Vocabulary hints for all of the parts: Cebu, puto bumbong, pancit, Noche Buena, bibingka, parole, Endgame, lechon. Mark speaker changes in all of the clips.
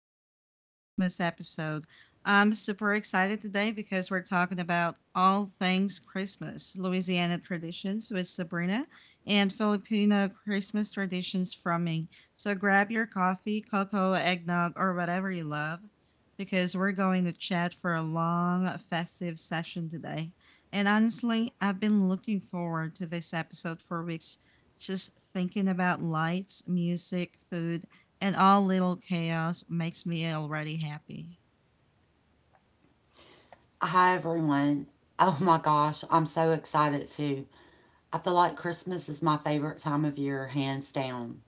Speaker 1: special Christmas episode. I'm super excited today because we're talking about all things Christmas, Louisiana traditions with Sabrina, and Filipino Christmas traditions from me. So grab your coffee, cocoa, eggnog, or whatever you love because we're going to chat for a long festive session today. And honestly, I've been looking forward to this episode for weeks just thinking about lights, music, food, and all little chaos makes me already happy.
Speaker 2: Hi, everyone. Oh my gosh, I'm so excited too. I feel like Christmas is my favorite time of year, hands down.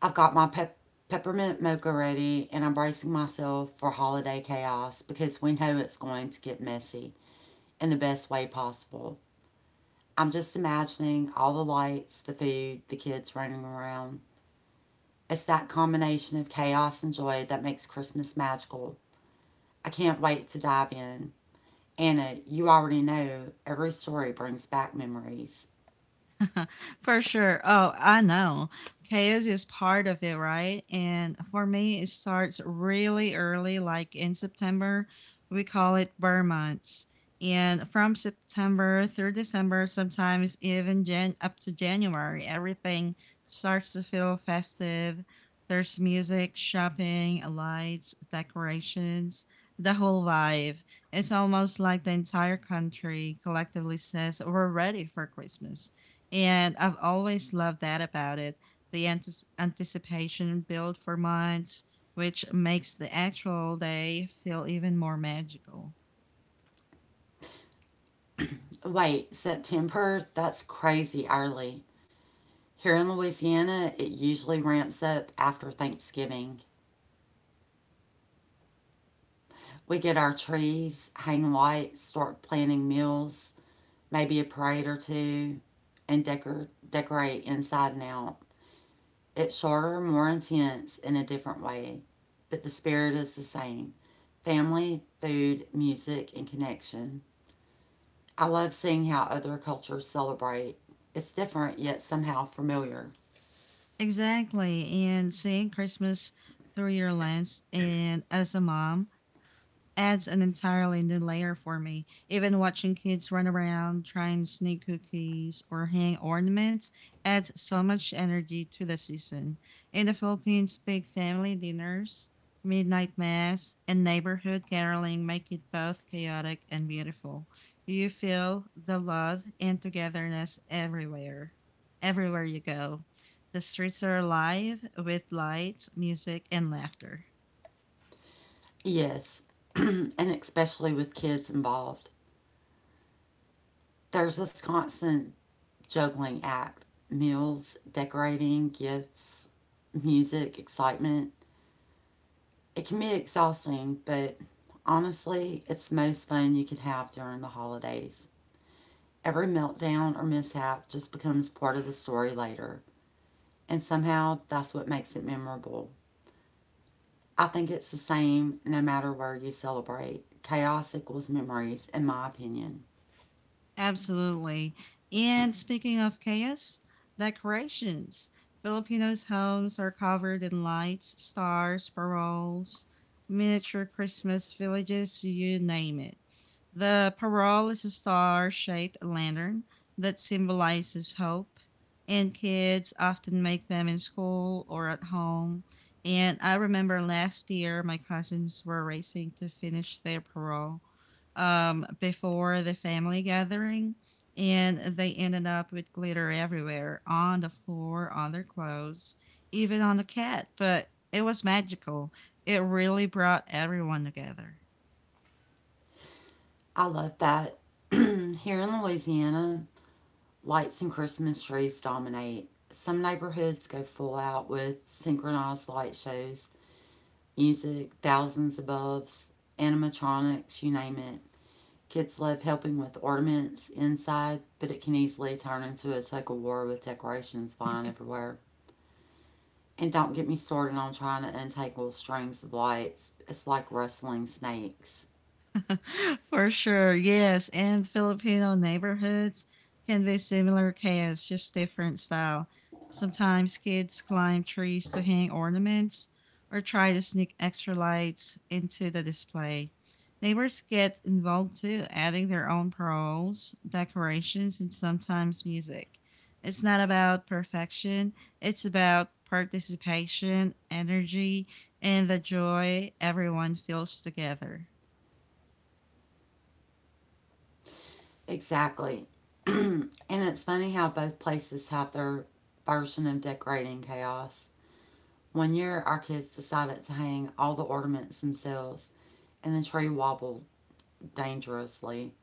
Speaker 2: I've got my peppermint mocha ready and I'm bracing myself for holiday chaos because we know it's going to get messy in the best way possible. I'm just imagining all the lights, the food, the kids running around. It's that combination of chaos and joy that makes Christmas magical. I can't wait to dive in. Anna, you already know every story brings back memories.
Speaker 1: For sure. Oh, I know. Chaos is part of it, right? And for me, it starts really early, like in September. We call it burn months. And from September through December, sometimes even up to January, everything starts to feel festive. There's music, shopping, lights, decorations, the whole vibe. It's almost like the entire country collectively says we're ready for Christmas. And I've always loved that about it. The anticipation built for months, which makes the actual day feel even more magical.
Speaker 2: Wait, September? That's crazy early. Here in Louisiana, it usually ramps up after Thanksgiving. We get our trees, hang lights, start planning meals, maybe a parade or two, and decorate inside and out. It's shorter, more intense in a different way, but the spirit is the same: family, food, music, and connection. I love seeing how other cultures celebrate. It's different yet somehow familiar.
Speaker 1: Exactly. And seeing Christmas through your lens and as a mom adds an entirely new layer for me. Even watching kids run around, try and sneak cookies, or hang ornaments adds so much energy to the season. In the Philippines, big family dinners, midnight mass, and neighborhood caroling make it both chaotic and beautiful. You feel the love and togetherness everywhere, everywhere you go. The streets are alive with lights, music, and laughter.
Speaker 2: Yes, and especially with kids involved. There's this constant juggling act: meals, decorating, gifts, music, excitement. It can be exhausting, but honestly, it's the most fun you could have during the holidays. Every meltdown or mishap just becomes part of the story later, and somehow that's what makes it memorable. I think it's the same no matter where you celebrate. Chaos equals memories, in my opinion.
Speaker 1: Absolutely. And speaking of chaos, decorations. Filipinos' homes are covered in lights, stars, paroles, miniature Christmas villages, you name it. The parole is a star shaped lantern that symbolizes hope, and kids often make them in school or at home. And I remember last year my cousins were racing to finish their parole before the family gathering, and they ended up with glitter everywhere on the floor, on their clothes, even on the cat. But it was magical. It really brought everyone together.
Speaker 2: I love that. Here in Louisiana, lights and Christmas trees dominate. Some neighborhoods go full out with synchronized light shows, music, thousands of animatronics, you name it. Kids love helping with ornaments inside, but it can easily turn into a tug of war with decorations flying everywhere. And don't get me started on trying to untangle strings of lights. It's like rustling snakes.
Speaker 1: For sure, yes. And Filipino neighborhoods can be similar chaos, just different style. Sometimes kids climb trees to hang ornaments or try to sneak extra lights into the display. Neighbors get involved too, adding their own paroles, decorations, and sometimes music. It's not about perfection, it's about participation, energy, and the joy everyone feels together.
Speaker 2: Exactly. And it's funny how both places have their version of decorating chaos. One year, our kids decided to hang all the ornaments themselves, and the tree wobbled dangerously.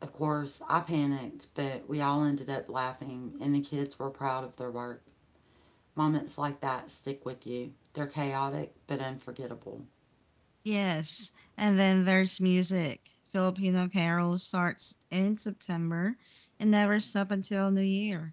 Speaker 2: Of course, I panicked, but we all ended up laughing, and the kids were proud of their work. Moments like that stick with you. They're chaotic, but unforgettable.
Speaker 1: Yes. And then there's music. Filipino Carol starts in September and never stop until New Year.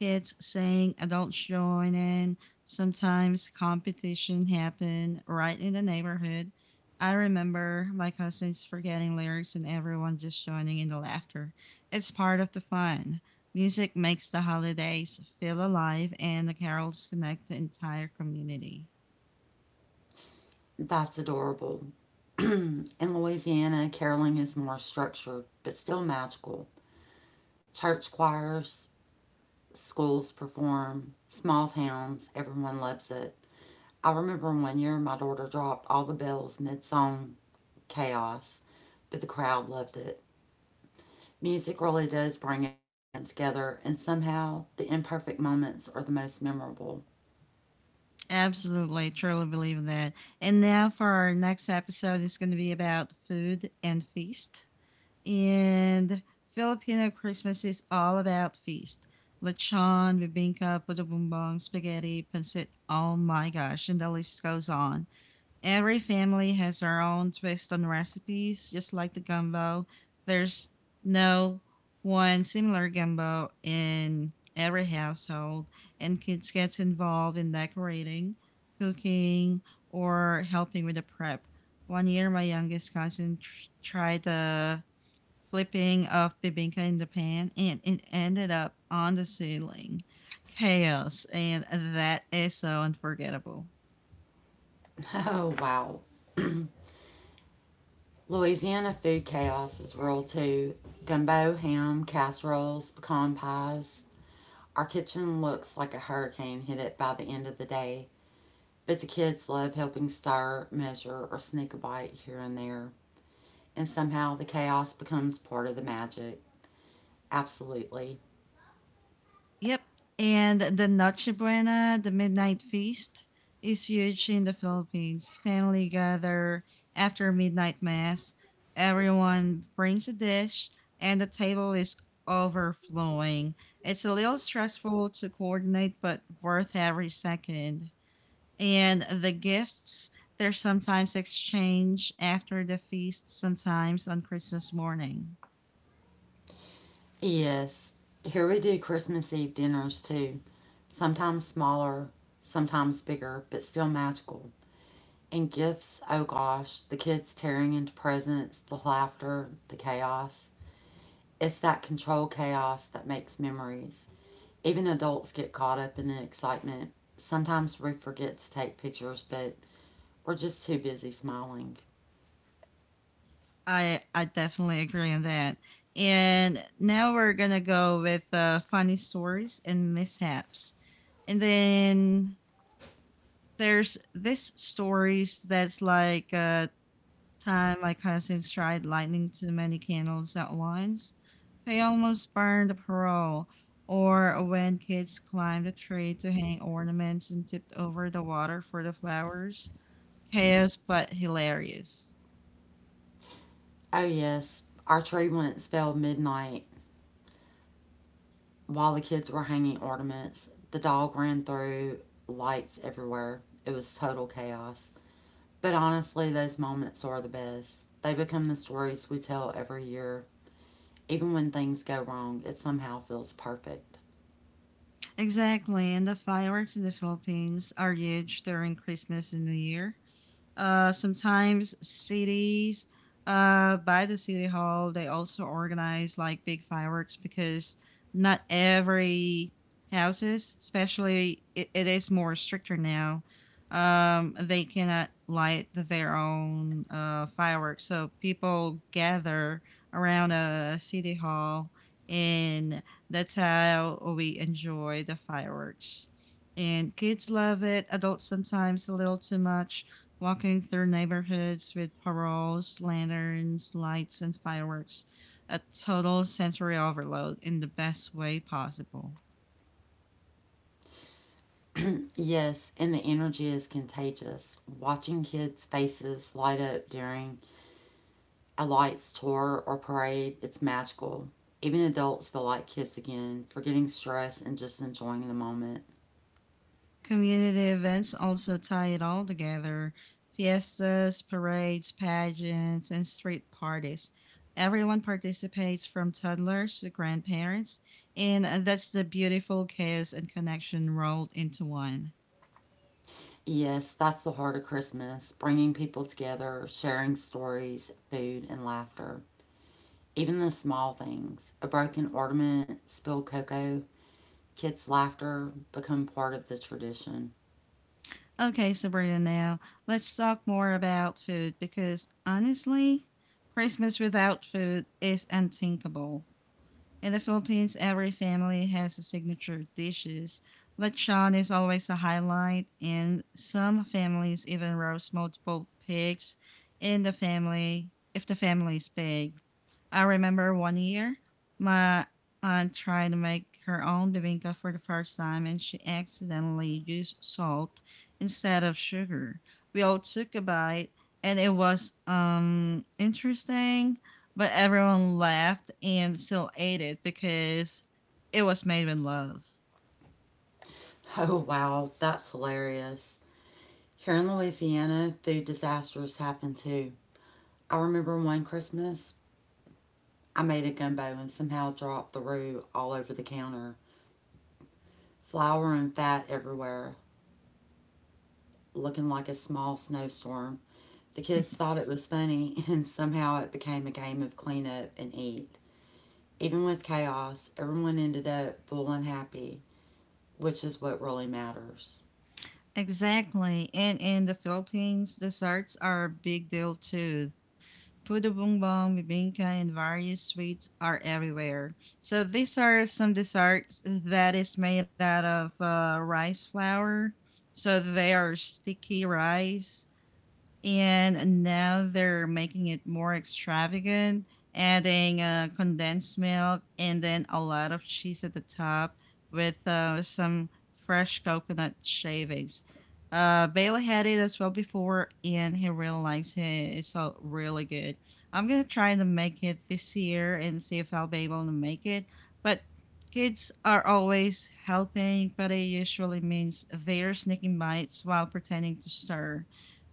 Speaker 1: Kids sing, adults join in. Sometimes competition happen right in the neighborhood. I remember my cousins forgetting lyrics and everyone just joining in the laughter. It's part of the fun. Music makes the holidays feel alive and the carols connect the entire community.
Speaker 2: That's adorable. In Louisiana, caroling is more structured, but still magical. Church choirs, schools perform, small towns, everyone loves it. I remember one year my daughter dropped all the bells mid song. Chaos, but the crowd loved it. Music really does bring everyone together, and somehow the imperfect moments are the most memorable.
Speaker 1: Absolutely, truly believe in that. And now for our next episode is going to be about food and feast. And Filipino Christmas is all about feast. Lechon, bibingka, puto bumbong, spaghetti, pancit. Oh my gosh, and the list goes on. Every family has their own twist on recipes, just like the gumbo. There's no one similar gumbo in every household, and kids gets involved in decorating, cooking, or helping with the prep. One year, my youngest cousin tried the flipping of bibinka in the pan, and it ended up on the ceiling. Chaos, and that is so unforgettable.
Speaker 2: Oh, wow. Louisiana food chaos is real too. Gumbo, ham, casseroles, pecan pies. Our kitchen looks like a hurricane hit it by the end of the day, but the kids love helping stir, measure, or sneak a bite here and there. And somehow the chaos becomes part of the magic. Absolutely.
Speaker 1: Yep. And the Noche Buena, the midnight feast, is huge in the Philippines. Family gather after midnight mass. Everyone brings a dish, and the table is overflowing. It's a little stressful to coordinate, but worth every second. And the gifts, they're sometimes exchanged after the feast, sometimes on Christmas morning.
Speaker 2: Yes. Here we do Christmas Eve dinners too. Sometimes smaller, sometimes bigger, but still magical. And gifts, oh gosh, the kids tearing into presents, the laughter, the chaos. It's that controlled chaos that makes memories. Even adults get caught up in the excitement. Sometimes we forget to take pictures, but we're just too busy smiling.
Speaker 1: I definitely agree on that. And now we're gonna go with funny stories and mishaps, and then there's this stories that's like time my cousins tried lighting too many candles at once. They almost burned a pearl, or when kids climbed a tree to hang ornaments and tipped over the water for the flowers. Chaos, but hilarious.
Speaker 2: Oh, yes, our tree once fell midnight while the kids were hanging ornaments. The dog ran through, lights everywhere. It was total chaos. But honestly, those moments are the best. They become the stories we tell every year. Even when things go wrong, it somehow feels perfect.
Speaker 1: Exactly. And the fireworks in the Philippines are huge during Christmas and New Year. Sometimes cities, by the city hall, they also organize like big fireworks because not every houses, especially it is more stricter now. They cannot light their own fireworks, so people gather around a city hall, and that's how we enjoy the fireworks and kids love it adults sometimes a little too much walking through neighborhoods with paroles, lanterns, lights, and fireworks. A total sensory overload in the best way possible.
Speaker 2: Yes, and the energy is contagious. Watching kids' faces light up during a lights tour or parade, it's magical. Even adults feel like kids again, forgetting stress and just enjoying the moment.
Speaker 1: Community events also tie it all together fiestas, parades, pageants, and street parties. Everyone participates from toddlers to grandparents, and that's the beautiful chaos and connection rolled into one.
Speaker 2: Yes, that's the heart of Christmas: bringing people together, sharing stories, food, and laughter. Even the small things: a broken ornament, spilled cocoa, kids' laughter become part of the tradition.
Speaker 1: Okay, Sabrina, now let's talk more about food because honestly, Christmas without food is unthinkable. In the Philippines, every family has a signature dishes. Lechon is always a highlight, and some families even roast multiple pigs in the family if the family is big. I remember one year, my aunt tried to make her own bibinca for the first time and she accidentally used salt instead of sugar. We all took a bite and it was interesting, but everyone laughed and still ate it because it was made with love.
Speaker 2: Oh, wow, that's hilarious. Here in Louisiana, food disasters happen too. I remember one Christmas, I made a gumbo and somehow dropped the roux all over the counter. Flour and fat everywhere, looking like a small snowstorm. The kids thought it was funny, and somehow it became a game of clean up and eat. Even with chaos, everyone ended up full and happy, which is what really matters.
Speaker 1: Exactly. And in the Philippines, desserts are a big deal too. Puto bumbong, bibingka, and various sweets are everywhere. So these are some desserts that is made out of rice flour. So they are sticky rice and now they're making it more extravagant, adding condensed milk and then a lot of cheese at the top with some fresh coconut shavings. Bailey had it as well before, and he really likes it. It's all really good. I'm gonna try to make it this year and see if I'll be able to make it. But kids are always helping, but it usually means they're sneaking bites while pretending to stir.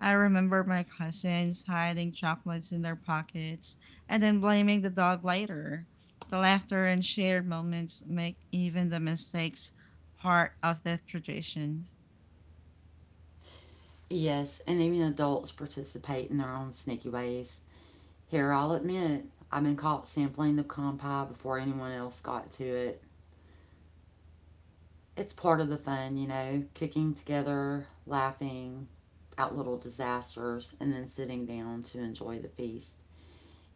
Speaker 1: I remember my cousins hiding chocolates in their pockets and then blaming the dog later. The laughter and shared moments make even the mistakes part of the tradition.
Speaker 2: Yes, and even adults participate in their own sneaky ways. Here, I'll admit, I've been caught sampling the pecan pie before anyone else got to it. It's part of the fun, you know, kicking together, laughing at little disasters, and then sitting down to enjoy the feast.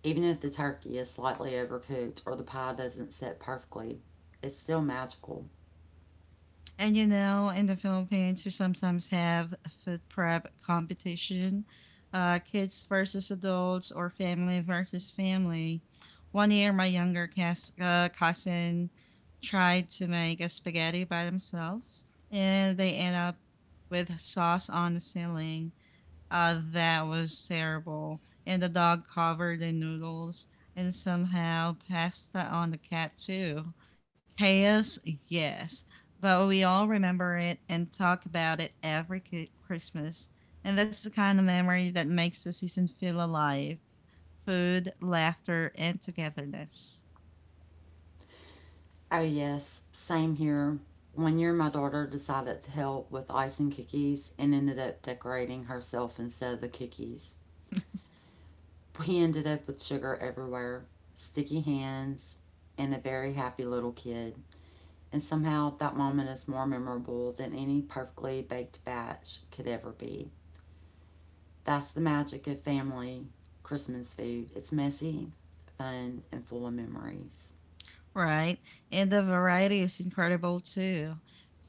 Speaker 2: Even if the turkey is slightly overcooked or the pie doesn't sit perfectly, it's still magical.
Speaker 1: And you know, in the Philippines, we sometimes have a food prep competition, kids versus adults or family versus family. One year, my younger cousin tried to make a spaghetti by themselves, and they end up with sauce on the ceiling. That was terrible. And the dog covered in noodles and somehow pasta on the cat too. Chaos, yes, but we all remember it and talk about it every Christmas. And that's the kind of memory that makes the season feel alive food, laughter, and togetherness.
Speaker 2: Oh, yes, same here. One year, my daughter decided to help with icing cookies and ended up decorating herself instead of the cookies. We ended up with sugar everywhere, sticky hands, and a very happy little kid. And somehow that moment is more memorable than any perfectly baked batch could ever be. That's the magic of family Christmas food. It's messy, fun, and full of memories.
Speaker 1: Right. And the variety is incredible too.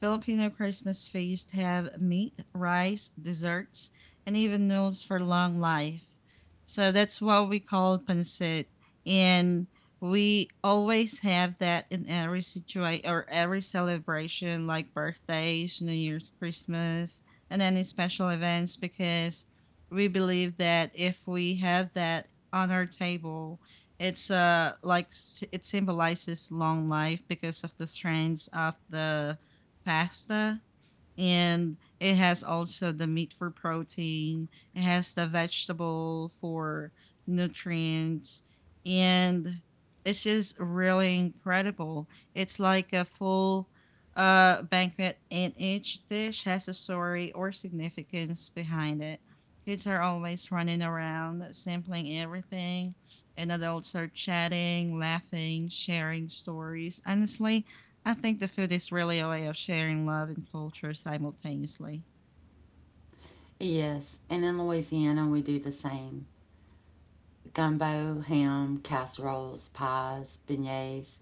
Speaker 1: Filipino Christmas feasts have meat, rice, desserts, and even meals for long life. So that's what we call pancit. And we always have that in every situation or every celebration, like birthdays, New Year's, Christmas, and any special events, because we believe that if we have that on our table, it's like it symbolizes long life because of the strands of the pasta, and it has also the meat for protein. It has the vegetable for nutrients, and it's just really incredible. It's like a full banquet, and each dish has a story or significance behind it kids are always running around sampling everything and adults are chatting, laughing, sharing stories. Honestly, I think the food is really a way of sharing love and culture simultaneously.
Speaker 2: Yes, and in Louisiana we do the same. Gumbo, ham, casseroles, pies, beignets,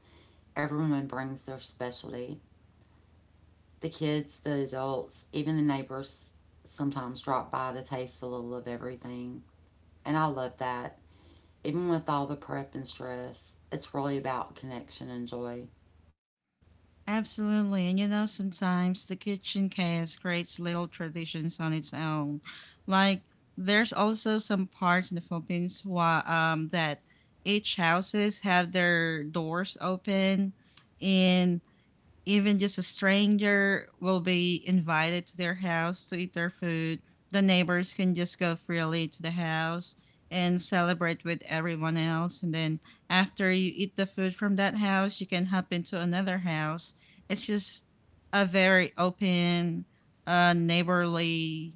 Speaker 2: everyone brings their specialty: the kids, the adults, even the neighbors sometimes drop by to taste a little of everything. And I love that. Even with all the prep and stress, it's really about connection and joy.
Speaker 1: Absolutely, and you know, sometimes the kitchen chaos creates little traditions on its own. Like, there's also some parts in the Philippines that each houses have their doors open and even just a stranger will be invited to their house to eat their food. The neighbors can just go freely to the house and celebrate with everyone else. And then after you eat the food from that house, you can hop into another house. It's just a very open, neighborly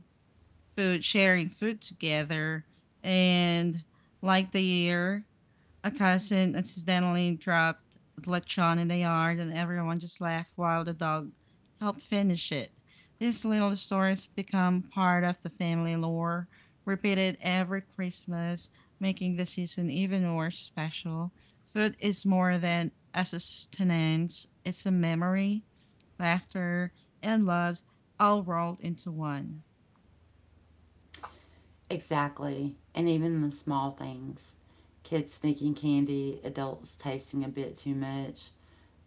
Speaker 1: food, sharing food together. And like the year. A cousin accidentally dropped lechon in the yard, and everyone just laughed while the dog helped finish it. These little stories become part of the family lore, repeated every Christmas, making the season even more special. Food is more than a sustenance, it's a memory, laughter, and love all rolled into one.
Speaker 2: Exactly. And even the small things: kids sneaking candy, adults tasting a bit too much,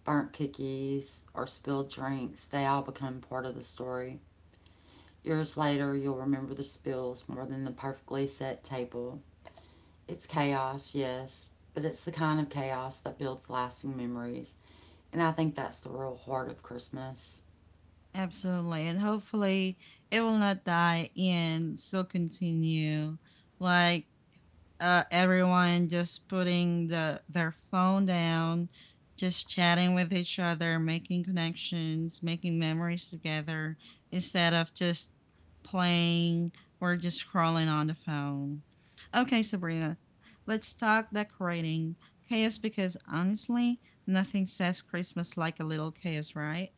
Speaker 2: burnt cookies, or spilled drinks, they all become part of the story. Years later, you'll remember the spills more than the perfectly set table. It's chaos, yes, but it's the kind of chaos that builds lasting memories. And I think that's the real heart of Christmas.
Speaker 1: Absolutely. And hopefully it will not die and still continue. Like everyone just putting their phone down, just chatting with each other, making connections, making memories together instead of just playing or just scrolling on the phone. Okay, Sabrina, let's talk decorating. Chaos because honestly, nothing says Christmas like a little chaos, right?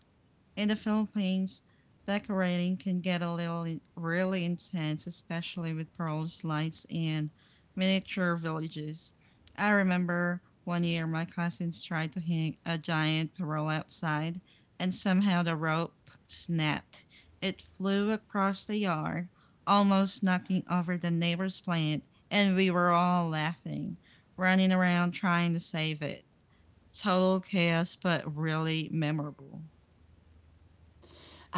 Speaker 1: In the Philippines, decorating can get a little really intense, especially with pearls, lights, and miniature villages. I remember one year my cousins tried to hang a giant pearl outside, and somehow the rope snapped. It flew across the yard, almost knocking over the neighbor's plant, and we were all laughing, running around trying to save it. Total chaos, but really memorable.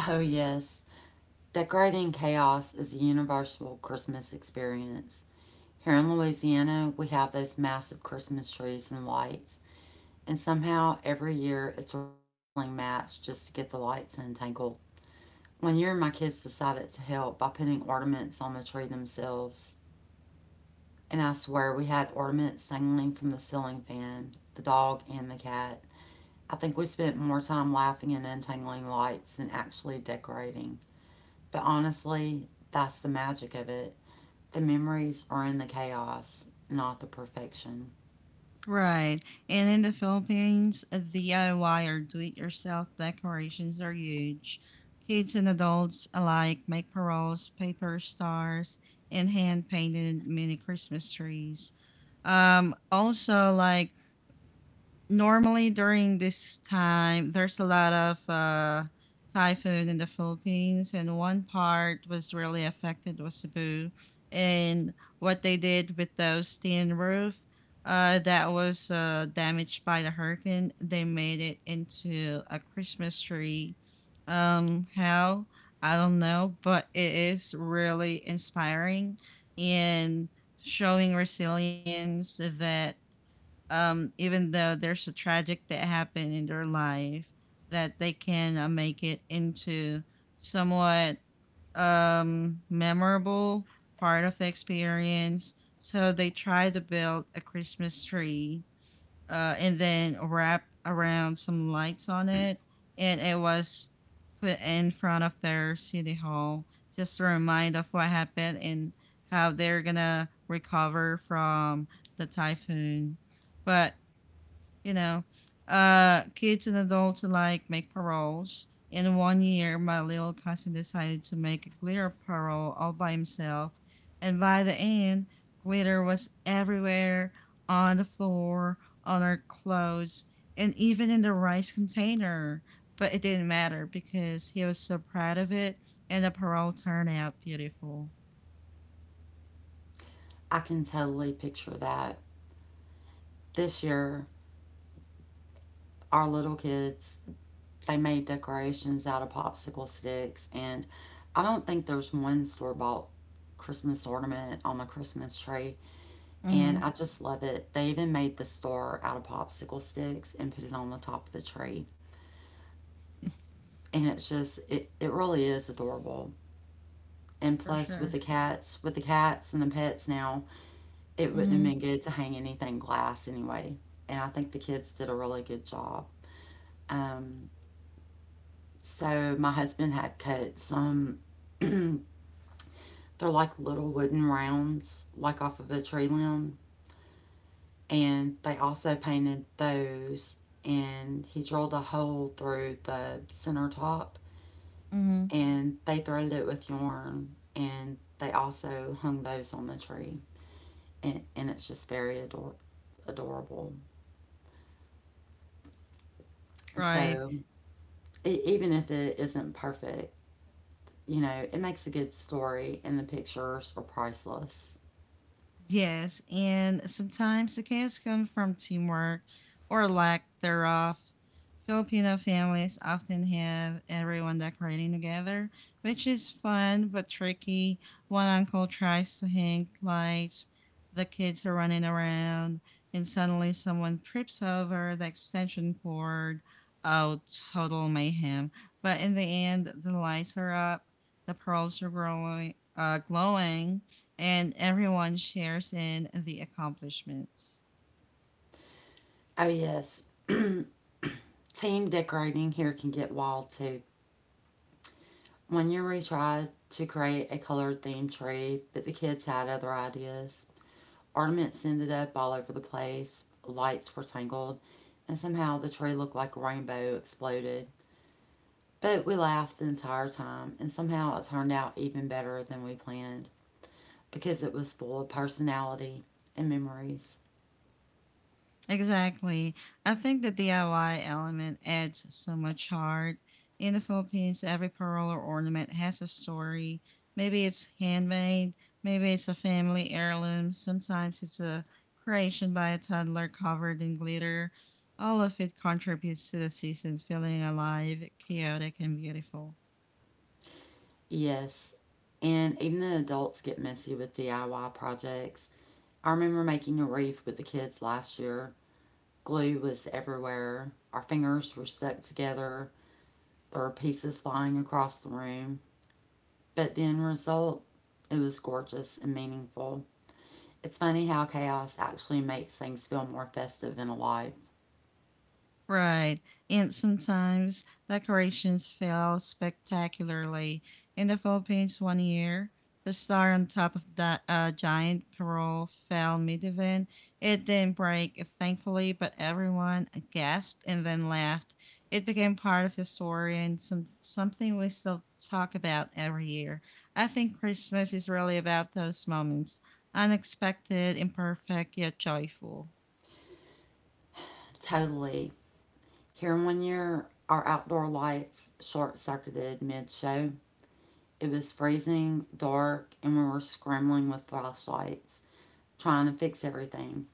Speaker 2: Oh, yes, decorating chaos is a universal Christmas experience. Here in Louisiana, we have those massive Christmas trees and lights, and somehow every year it's a wrestling match just to get the lights untangled. One year, my kids decided to help by putting ornaments on the tree themselves. And I swear we had ornaments dangling from the ceiling fan, the dog and the cat. I think we spent more time laughing and untangling lights than actually decorating. But honestly, that's the magic of it. The memories are in the chaos, not the perfection.
Speaker 1: Right. And in the Philippines, DIY or do it yourself decorations are huge. Kids and adults alike make paroles, paper stars, and hand painted mini Christmas trees. Also, like normally during this time there's a lot of typhoon in the philippines and one part was really affected was cebu and what they did with those tin roof that was damaged by the hurricane they made it into a christmas tree how I don't know, but it is really inspiring and showing resilience that, even though there's a tragic that happened in their life, that they can make it into somewhat, memorable part of the experience. So they try to build a Christmas tree, and then wrap around some lights on it, and it was put in front of their city hall just a reminder of what happened and how they're gonna recover from the typhoon. But you know, kids and adults alike make paroles. In one year, my little cousin decided to make a glitter parole all by himself, and by the end, glitter was everywhere on the floor, on our clothes, and even in the rice container. But it didn't matter because he was so proud of it, and the parole turned out beautiful.
Speaker 2: I can totally picture that. This year, our little kids, they made decorations out of popsicle sticks, and I don't think there's one store bought Christmas ornament on the Christmas tree,
Speaker 1: Mm-hmm,
Speaker 2: and I just love it. They even made the star out of popsicle sticks and put it on the top of the tree. And it's just it really is adorable. And
Speaker 1: for
Speaker 2: plus with
Speaker 1: sure.
Speaker 2: the cats, with the cats and the pets now, it wouldn't have
Speaker 1: Mm-hmm,
Speaker 2: been good to hang anything glass anyway. And I think the kids did a really good job. Um so my husband had cut some they're like little wooden rounds like off of a tree limb, and they also painted those, and he drilled a hole through the center top,
Speaker 1: mm-hmm.
Speaker 2: and they threaded it with yarn, and they also hung those on the tree. And it's just very adorable.
Speaker 1: Right.
Speaker 2: So e even if it isn't perfect, you know, it makes a good story and the pictures are priceless.
Speaker 1: Yes, and sometimes the chaos comes from teamwork or lack thereof. Filipino families often have everyone decorating together, which is fun but tricky. One uncle tries to hang lights, the kids are running around, and suddenly someone trips over the extension cord. Oh, total mayhem. But in the end, the lights are up, the pearls are growing, glowing, and everyone shares in the accomplishments.
Speaker 2: Oh yes, team decorating here can get wild too. One year we tried to create a colored themed tree, but the kids had other ideas. Ornaments ended up all over the place, lights were tangled, and somehow the tree looked like a rainbow exploded. But we laughed the entire time, and somehow it turned out even better than we planned because it was full of personality and memories.
Speaker 1: Exactly. I think the DIY element adds so much heart. In the Philippines, every pearl or ornament has a story. Maybe it's handmade, maybe it's a family heirloom, sometimes it's a creation by a toddler covered in glitter. All of it contributes to the season feeling alive, chaotic, and beautiful.
Speaker 2: Yes, and even the adults get messy with DIY projects. I remember making a wreath with the kids last year. Glue was everywhere. Our fingers were stuck together. There were pieces flying across the room. But the end result, it was gorgeous and meaningful. It's funny how chaos actually makes things feel more festive and alive.
Speaker 1: Right. And sometimes decorations fail spectacularly. In the Philippines one year, the star on top of that giant parole fell mid-event. It didn't break, thankfully, but everyone gasped and then laughed. It became part of the story and something we still talk about every year. I think Christmas is really about those moments, unexpected, imperfect, yet joyful.
Speaker 2: Totally. Here one year, our outdoor lights short circuited mid show. It was freezing, dark, and we were scrambling with flashlights, trying to fix everything.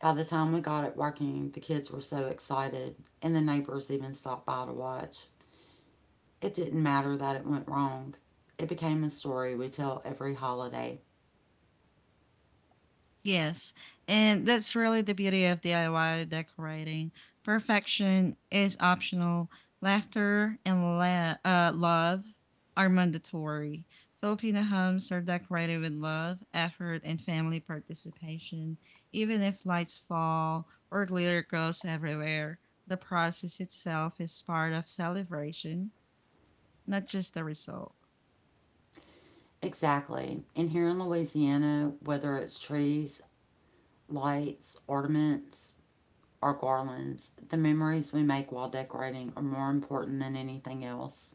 Speaker 2: By the time we got it working, the kids were so excited, and the neighbors even stopped by to watch. It didn't matter that it went wrong. It became a story we tell every holiday.
Speaker 1: Yes, and that's really the beauty of DIY decorating. Perfection is optional. Laughter and love are mandatory. Filipino homes are decorated with love, effort, and family participation. Even if lights fall or glitter goes everywhere, the process itself is part of celebration, not just the result.
Speaker 2: Exactly. And here in Louisiana, whether it's trees, lights, ornaments, or garlands, the memories we make while decorating are more important than anything else.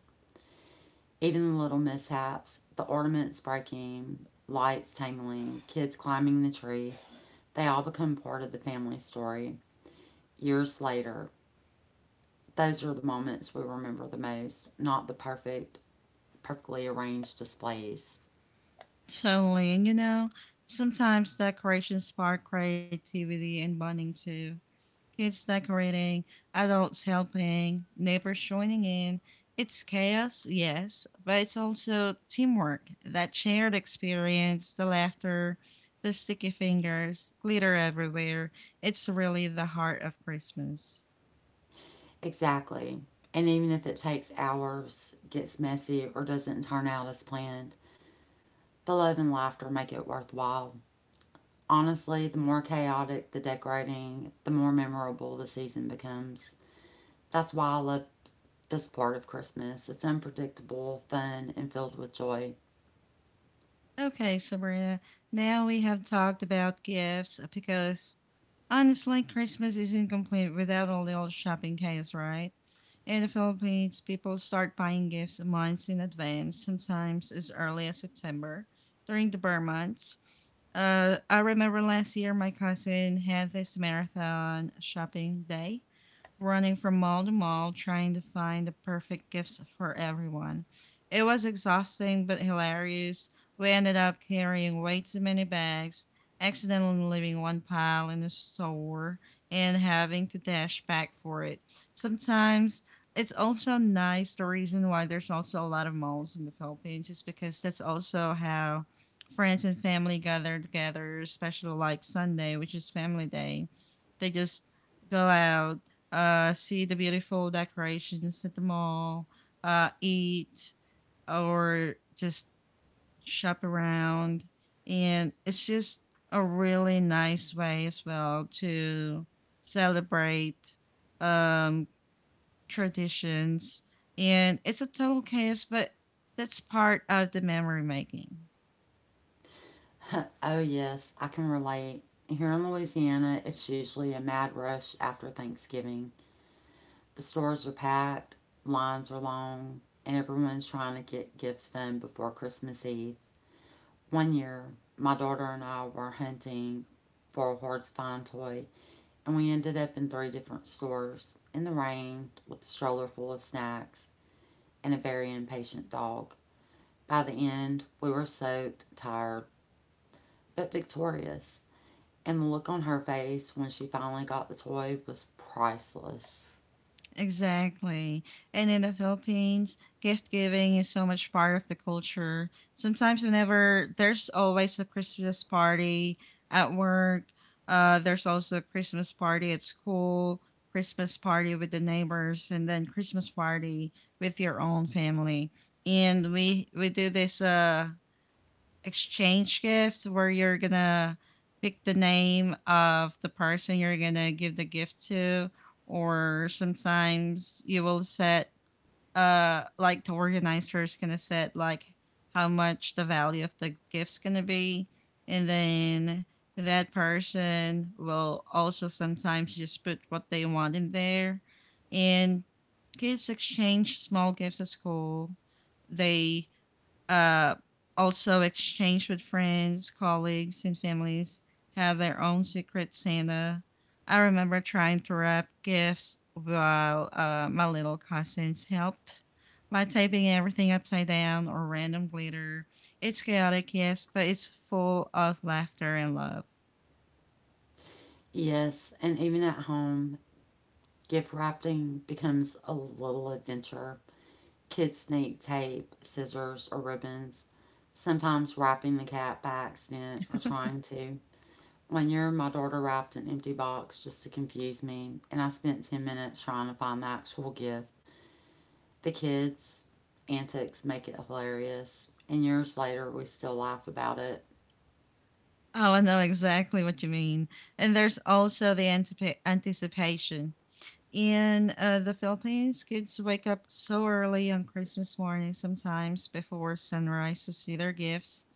Speaker 2: Even the little mishaps, the ornaments breaking, lights tangling, kids climbing the tree, they all become part of the family story. Years later, those are the moments we remember the most, not the perfect, perfectly arranged displays.
Speaker 1: Totally, and you know, sometimes decorations spark creativity and bonding too, kids decorating, adults helping, neighbors joining in. It's chaos, yes, but it's also teamwork, that shared experience, the laughter, the sticky fingers, glitter everywhere. It's really the heart of Christmas.
Speaker 2: Exactly. And even if it takes hours, gets messy, or doesn't turn out as planned, the love and laughter make it worthwhile. Honestly, the more chaotic the decorating, the more memorable the season becomes. That's why I love this part of Christmas. It's unpredictable, fun, and filled with joy.
Speaker 1: Okay, Sabrina. Now we have talked about gifts, because honestly, Christmas isn't complete without a little shopping chaos, right? In the Philippines, people start buying gifts months in advance, sometimes as early as September during the burr months. I remember last year my cousin had this marathon shopping day running from mall to mall trying to find the perfect gifts for everyone. It was exhausting but hilarious. We ended up carrying way too many bags, accidentally leaving one pile in the store, and having to dash back for it. Sometimes it's also nice. The reason why there's also a lot of malls in the Philippines is because that's also how friends and family gather together, especially like Sunday, which is family day. They just go out, see the beautiful decorations at the mall, eat, or just shop around. And it's just a really nice way as well to celebrate, um, traditions. And it's a total chaos, but that's part of the memory making.
Speaker 2: Oh, yes, I can relate. Here in Louisiana, it's usually a mad rush after Thanksgiving. The stores are packed, lines are long, and everyone's trying to get gifts done before Christmas Eve. One year, my daughter and I were hunting for a hard to find toy, and we ended up in three different stores in the rain with a stroller full of snacks and a very impatient dog. By the end, we were soaked, tired, but victorious, and the look on her face when she finally got the toy was priceless.
Speaker 1: Exactly. And in the Philippines, gift giving is so much part of the culture. Sometimes, whenever there's always a Christmas party at work, there's also a Christmas party at school, Christmas party with the neighbors, and then Christmas party with your own family. And we do this exchange gifts where you're gonna pick the name of the person you're gonna give the gift to, or sometimes you will set like the organizer is gonna set like how much the value of the gift's gonna be, and then that person will also sometimes just put what they want in there. And kids exchange small gifts at school, they uh, also exchanged with friends, colleagues, and families have their own secret Santa. I remember trying to wrap gifts while my little cousins helped by taping everything upside down or random glitter. It's chaotic, yes, but it's full of laughter and love.
Speaker 2: Yes, and even at home, gift wrapping becomes a little adventure. Kids need tape, scissors, or ribbons, sometimes wrapping the cat by accident or trying to. One year, my daughter wrapped an empty box just to confuse me, and I spent 10 minutes trying to find the actual gift. The kids' antics make it hilarious, and years later, we still laugh about it.
Speaker 1: Oh, I know exactly what you mean. And there's also the anticipation. In the Philippines, kids wake up so early on Christmas morning, sometimes before sunrise, to see their gifts.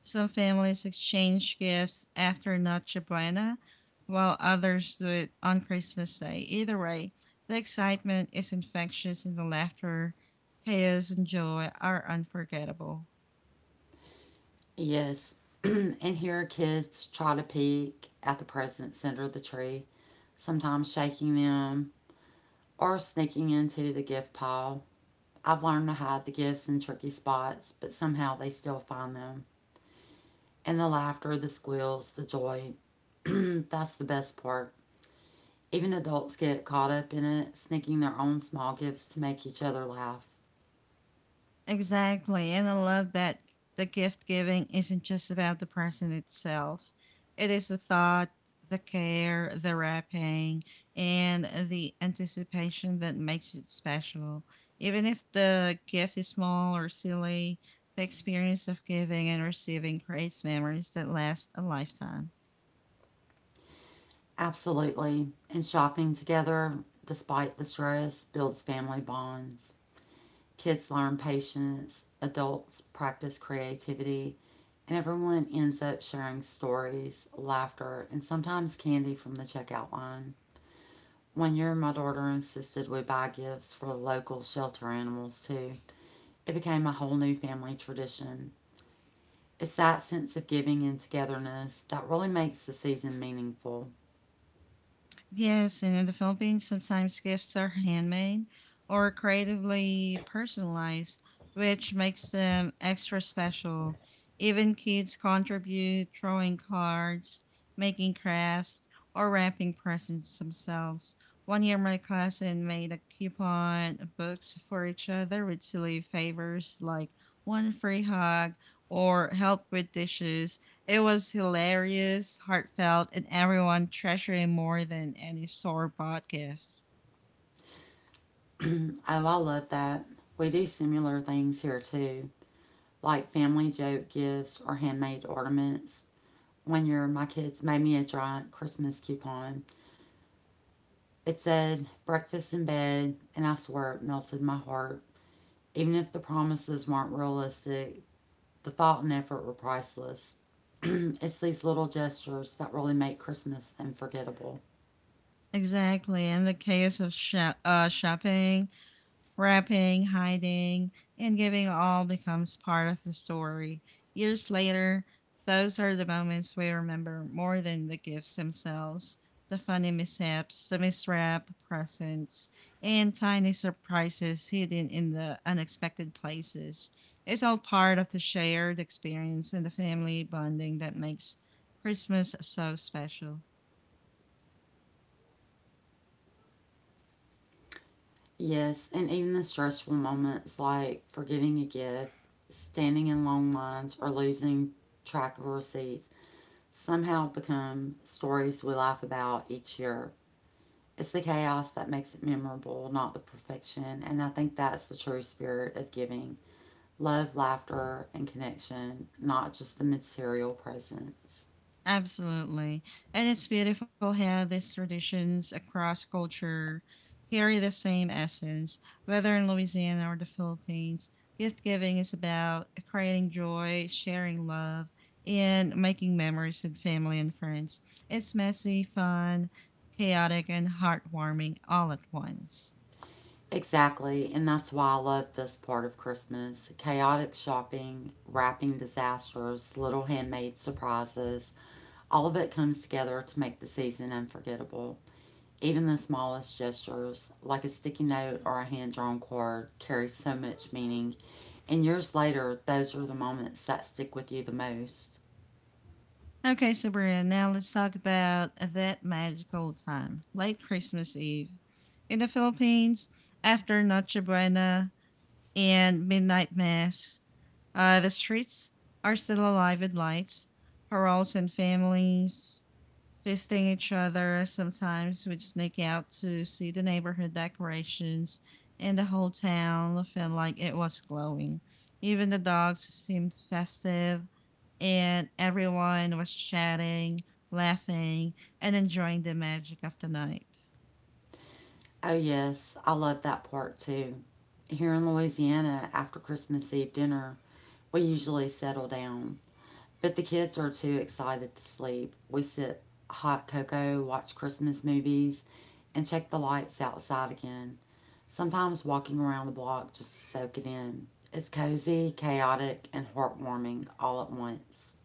Speaker 1: Some families exchange gifts after Noche Buena, while others do it on Christmas Day. Either way, the excitement is infectious, and the laughter, chaos, and joy are unforgettable.
Speaker 2: Yes, and here kids try to peek at the presents under the tree, sometimes shaking them or sneaking into the gift pile. I've learned to hide the gifts in tricky spots, but somehow they still find them. And the laughter, the squeals, the joy, that's the best part. Even adults get caught up in it, sneaking their own small gifts to make each other laugh.
Speaker 1: Exactly. And I love that the gift giving isn't just about the present itself, it is the thought, the care, the wrapping, and the anticipation that makes it special. Even if the gift is small or silly, the experience of giving and receiving creates memories that last a lifetime.
Speaker 2: Absolutely. And shopping together, despite the stress, builds family bonds. Kids learn patience, adults practice creativity, and everyone ends up sharing stories, laughter, and sometimes candy from the checkout line. One year, my daughter insisted we buy gifts for local shelter animals too. It became a whole new family tradition. It's that sense of giving and togetherness that really makes the season meaningful.
Speaker 1: Yes, and in the Philippines, sometimes gifts are handmade or creatively personalized, which makes them extra special. Even kids contribute, drawing cards, making crafts, or wrapping presents themselves. One year, my cousin made a coupon books for each other with silly favors like one free hug or help with dishes. It was hilarious, heartfelt, and everyone treasured it more than any store bought gifts.
Speaker 2: Oh, I love that. We do similar things here too, like family joke gifts or handmade ornaments. One year, my kids made me a giant Christmas coupon. It said, breakfast in bed, and I swear it melted my heart. Even if the promises weren't realistic, the thought and effort were priceless. It's these little gestures that really make Christmas unforgettable.
Speaker 1: Exactly, and the chaos of shopping, wrapping, hiding, and giving all becomes part of the story. Years later, those are the moments we remember more than the gifts themselves, the funny mishaps, the miswrapped presents, and tiny surprises hidden in the unexpected places. It's all part of the shared experience and the family bonding that makes Christmas so special.
Speaker 2: Yes, and even the stressful moments, like forgetting a gift, standing in long lines, or losing track of receipts, somehow become stories we laugh about each year. It's the chaos that makes it memorable, not the perfection, and I think that's the true spirit of giving: love, laughter, and connection, not just the material presence.
Speaker 1: Absolutely. And it's beautiful how these traditions across culture carry the same essence, whether in Louisiana or the Philippines. Gift giving is about creating joy, sharing love, and making memories with family and friends. It's messy, fun, chaotic, and heartwarming all at once.
Speaker 2: Exactly, and that's why I love this part of Christmas. Chaotic shopping, wrapping disasters, little handmade surprises, all of it comes together to make the season unforgettable. Even the smallest gestures, like a sticky note or a hand drawn card, carry so much meaning, and years later, those are the moments that stick with you the most.
Speaker 1: Okay, Sabrina, now let's talk about that magical time, late Christmas Eve. In the Philippines, after Noche Buena, and midnight mass. The streets are still alive with lights, paroles, and families fisting each other. Sometimes we'd sneak out to see the neighborhood decorations, and the whole town felt like it was glowing. Even the dogs seemed festive, and everyone was chatting, laughing, and enjoying the magic of the night.
Speaker 2: Oh, yes, I love that part too. Here in Louisiana, after Christmas Eve dinner, we usually settle down, but the kids are too excited to sleep. We sip hot cocoa, watch Christmas movies, and check the lights outside again, sometimes walking around the block just to soak it in. It's cozy, chaotic, and heartwarming all at once.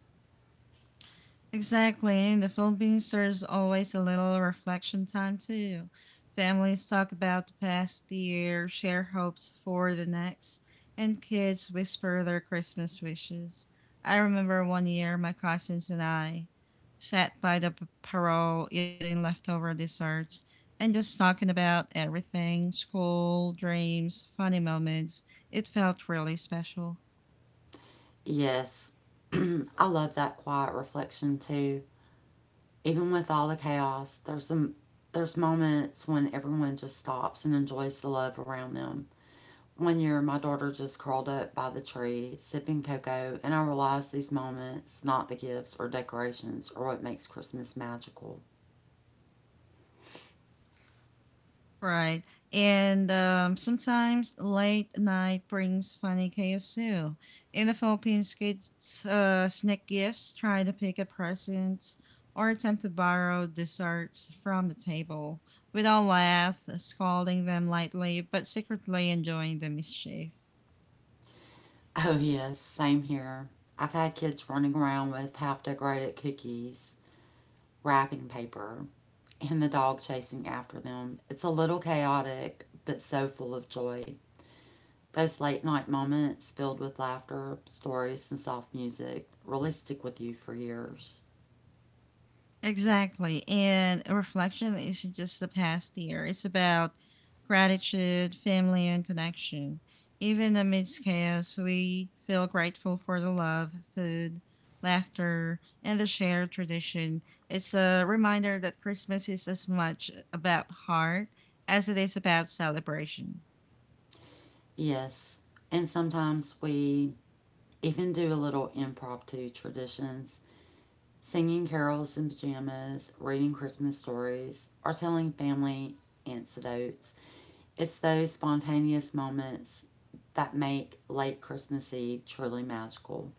Speaker 1: Exactly. In the Philippines, there's always a little reflection time too. Families talk about the past year, share hopes for the next, and kids whisper their Christmas wishes. I remember one year my cousins and I sat by the parole eating leftover desserts and just talking about everything, school, dreams, funny moments. It felt really special.
Speaker 2: Yes, I love that quiet reflection too. Even with all the chaos, there's moments when everyone just stops and enjoys the love around them. One year, my daughter just curled up by the tree, sipping cocoa, and I realized these moments, not the gifts or decorations, are what makes Christmas magical.
Speaker 1: Right. And sometimes late night brings funny chaos too. In the Philippines, kids sneak gifts, try to pick at presents, or attempt to borrow desserts from the table. We'd all laugh, scolding them lightly, but secretly enjoying the mischief.
Speaker 2: Oh, yes, same here. I've had kids running around with half decorated cookies, wrapping paper, and the dog chasing after them. It's a little chaotic, but so full of joy. Those late night moments filled with laughter, stories, and soft music really stick with you for years.
Speaker 1: Exactly. And reflection isn't just the past year, it's about gratitude, family, and connection. Even amidst chaos, we feel grateful for the love, food, laughter, and the shared tradition. It's a reminder that Christmas is as much about heart as it is about celebration.
Speaker 2: Yes, and sometimes we Even do a little impromptu traditions, singing carols in pajamas, reading Christmas stories, or telling family anecdotes. It's those spontaneous moments that make late Christmas Eve truly magical.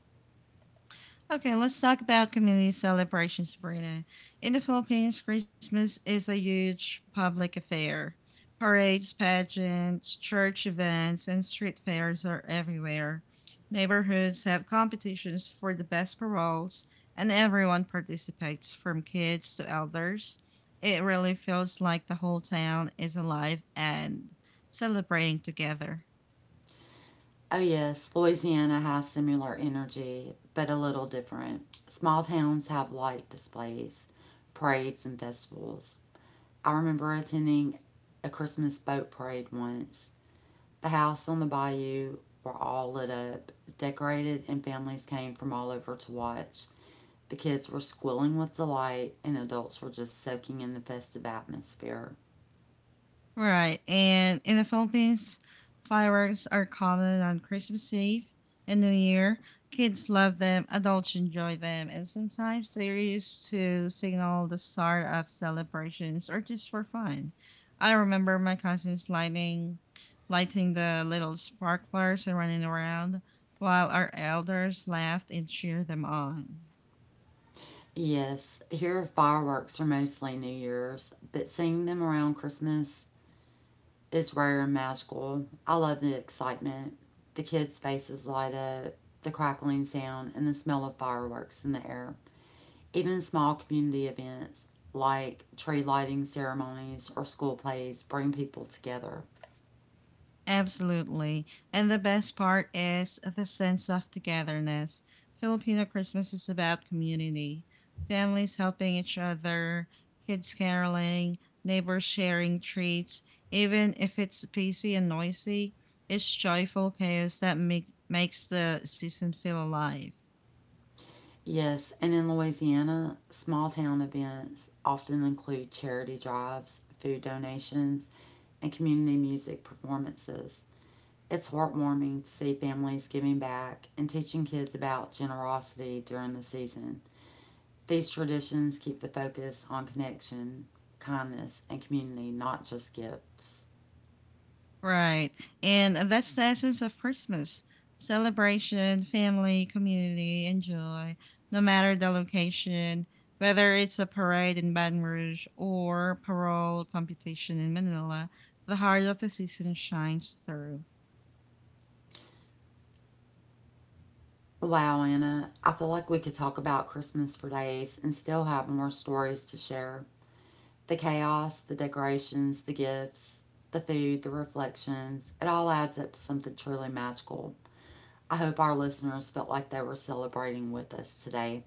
Speaker 1: Okay, let's talk about community celebrations, Sabrina. In the Philippines, Christmas is a huge public affair. Parades, pageants, church events, and street fairs are everywhere. Neighborhoods have competitions for the best paroles, and everyone participates from kids to elders. It really feels like the whole town is alive and celebrating together.
Speaker 2: Oh, yes, Louisiana has similar energy, but a little different. Small towns have light displays, parades, and festivals. I remember attending a Christmas boat parade once. The house on the bayou were all lit up, decorated, and families came from all over to watch. The kids were squealing with delight, and adults were just soaking in the festive atmosphere.
Speaker 1: Right. And in the Philippines, fireworks are common on Christmas Eve and New Year. Kids love them, adults enjoy them, and sometimes they're used to signal the start of celebrations or just for fun. I remember my cousins lighting the little sparklers and running around while our elders laughed and cheered them on.
Speaker 2: Yes, here fireworks are mostly New Year's, but seeing them around Christmas is rare and magical. I love the excitement, the kids' faces light up, the crackling sound, and the smell of fireworks in the air. Even small community events like tree lighting ceremonies or school plays bring people together.
Speaker 1: Absolutely. And the best part is the sense of togetherness. Filipino Christmas is about community, families helping each other, kids caroling, neighbors sharing treats. Even if it's busy and noisy, it's joyful chaos that makes the season feel alive.
Speaker 2: Yes, and in Louisiana, small town events often include charity drives, food donations, and community music performances. It's heartwarming to see families giving back and teaching kids about generosity during the season. These traditions keep the focus on connection, kindness, and community, not just gifts.
Speaker 1: Right. And that's the essence of Christmas celebration, family, community, and joy, no matter the location, whether it's a parade in Baton Rouge or parole competition in Manila, the heart of the season shines through.
Speaker 2: Wow, Anna, I feel like we could talk about Christmas for days and still have more stories to share. The chaos, the decorations, the gifts, the food, the reflections, it all adds up to something truly magical. I hope our listeners felt like they were celebrating with us today.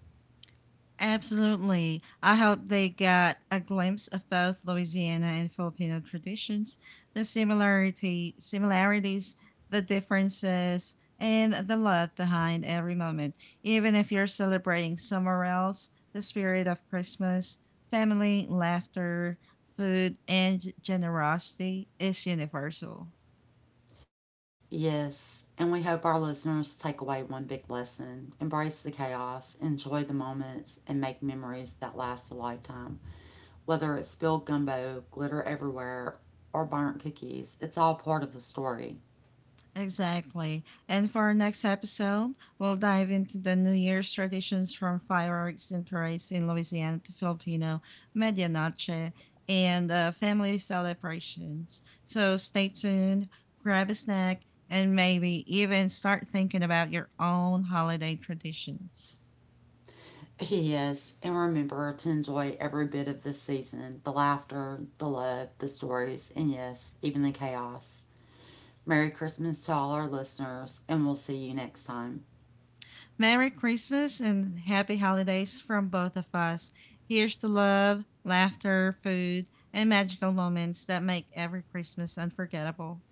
Speaker 1: Absolutely. I hope they got a glimpse of both Louisiana and Filipino traditions, the similarity similarities, the differences, and the love behind every moment. Even if you're celebrating somewhere else, the spirit of Christmas, family, laughter, food, and generosity is universal.
Speaker 2: Yes, and we hope our listeners take away one big lesson: embrace the chaos, enjoy the moments, and make memories that last a lifetime. Whether it's spilled gumbo, glitter everywhere, or burnt cookies, it's all part of the story.
Speaker 1: Exactly. And for our next episode, we'll dive into the New Year's traditions from fireworks and parades in Louisiana to Filipino medianoche, and family celebrations. So stay tuned, grab a snack, and maybe even start thinking about your own holiday traditions.
Speaker 2: Yes, and remember to enjoy every bit of this season, the laughter, the love, the stories, and yes, even the chaos. Merry Christmas to all our listeners, and we'll see you next time.
Speaker 1: Merry Christmas and happy holidays from both of us. Here's to love, laughter, food, and magical moments that make every Christmas unforgettable.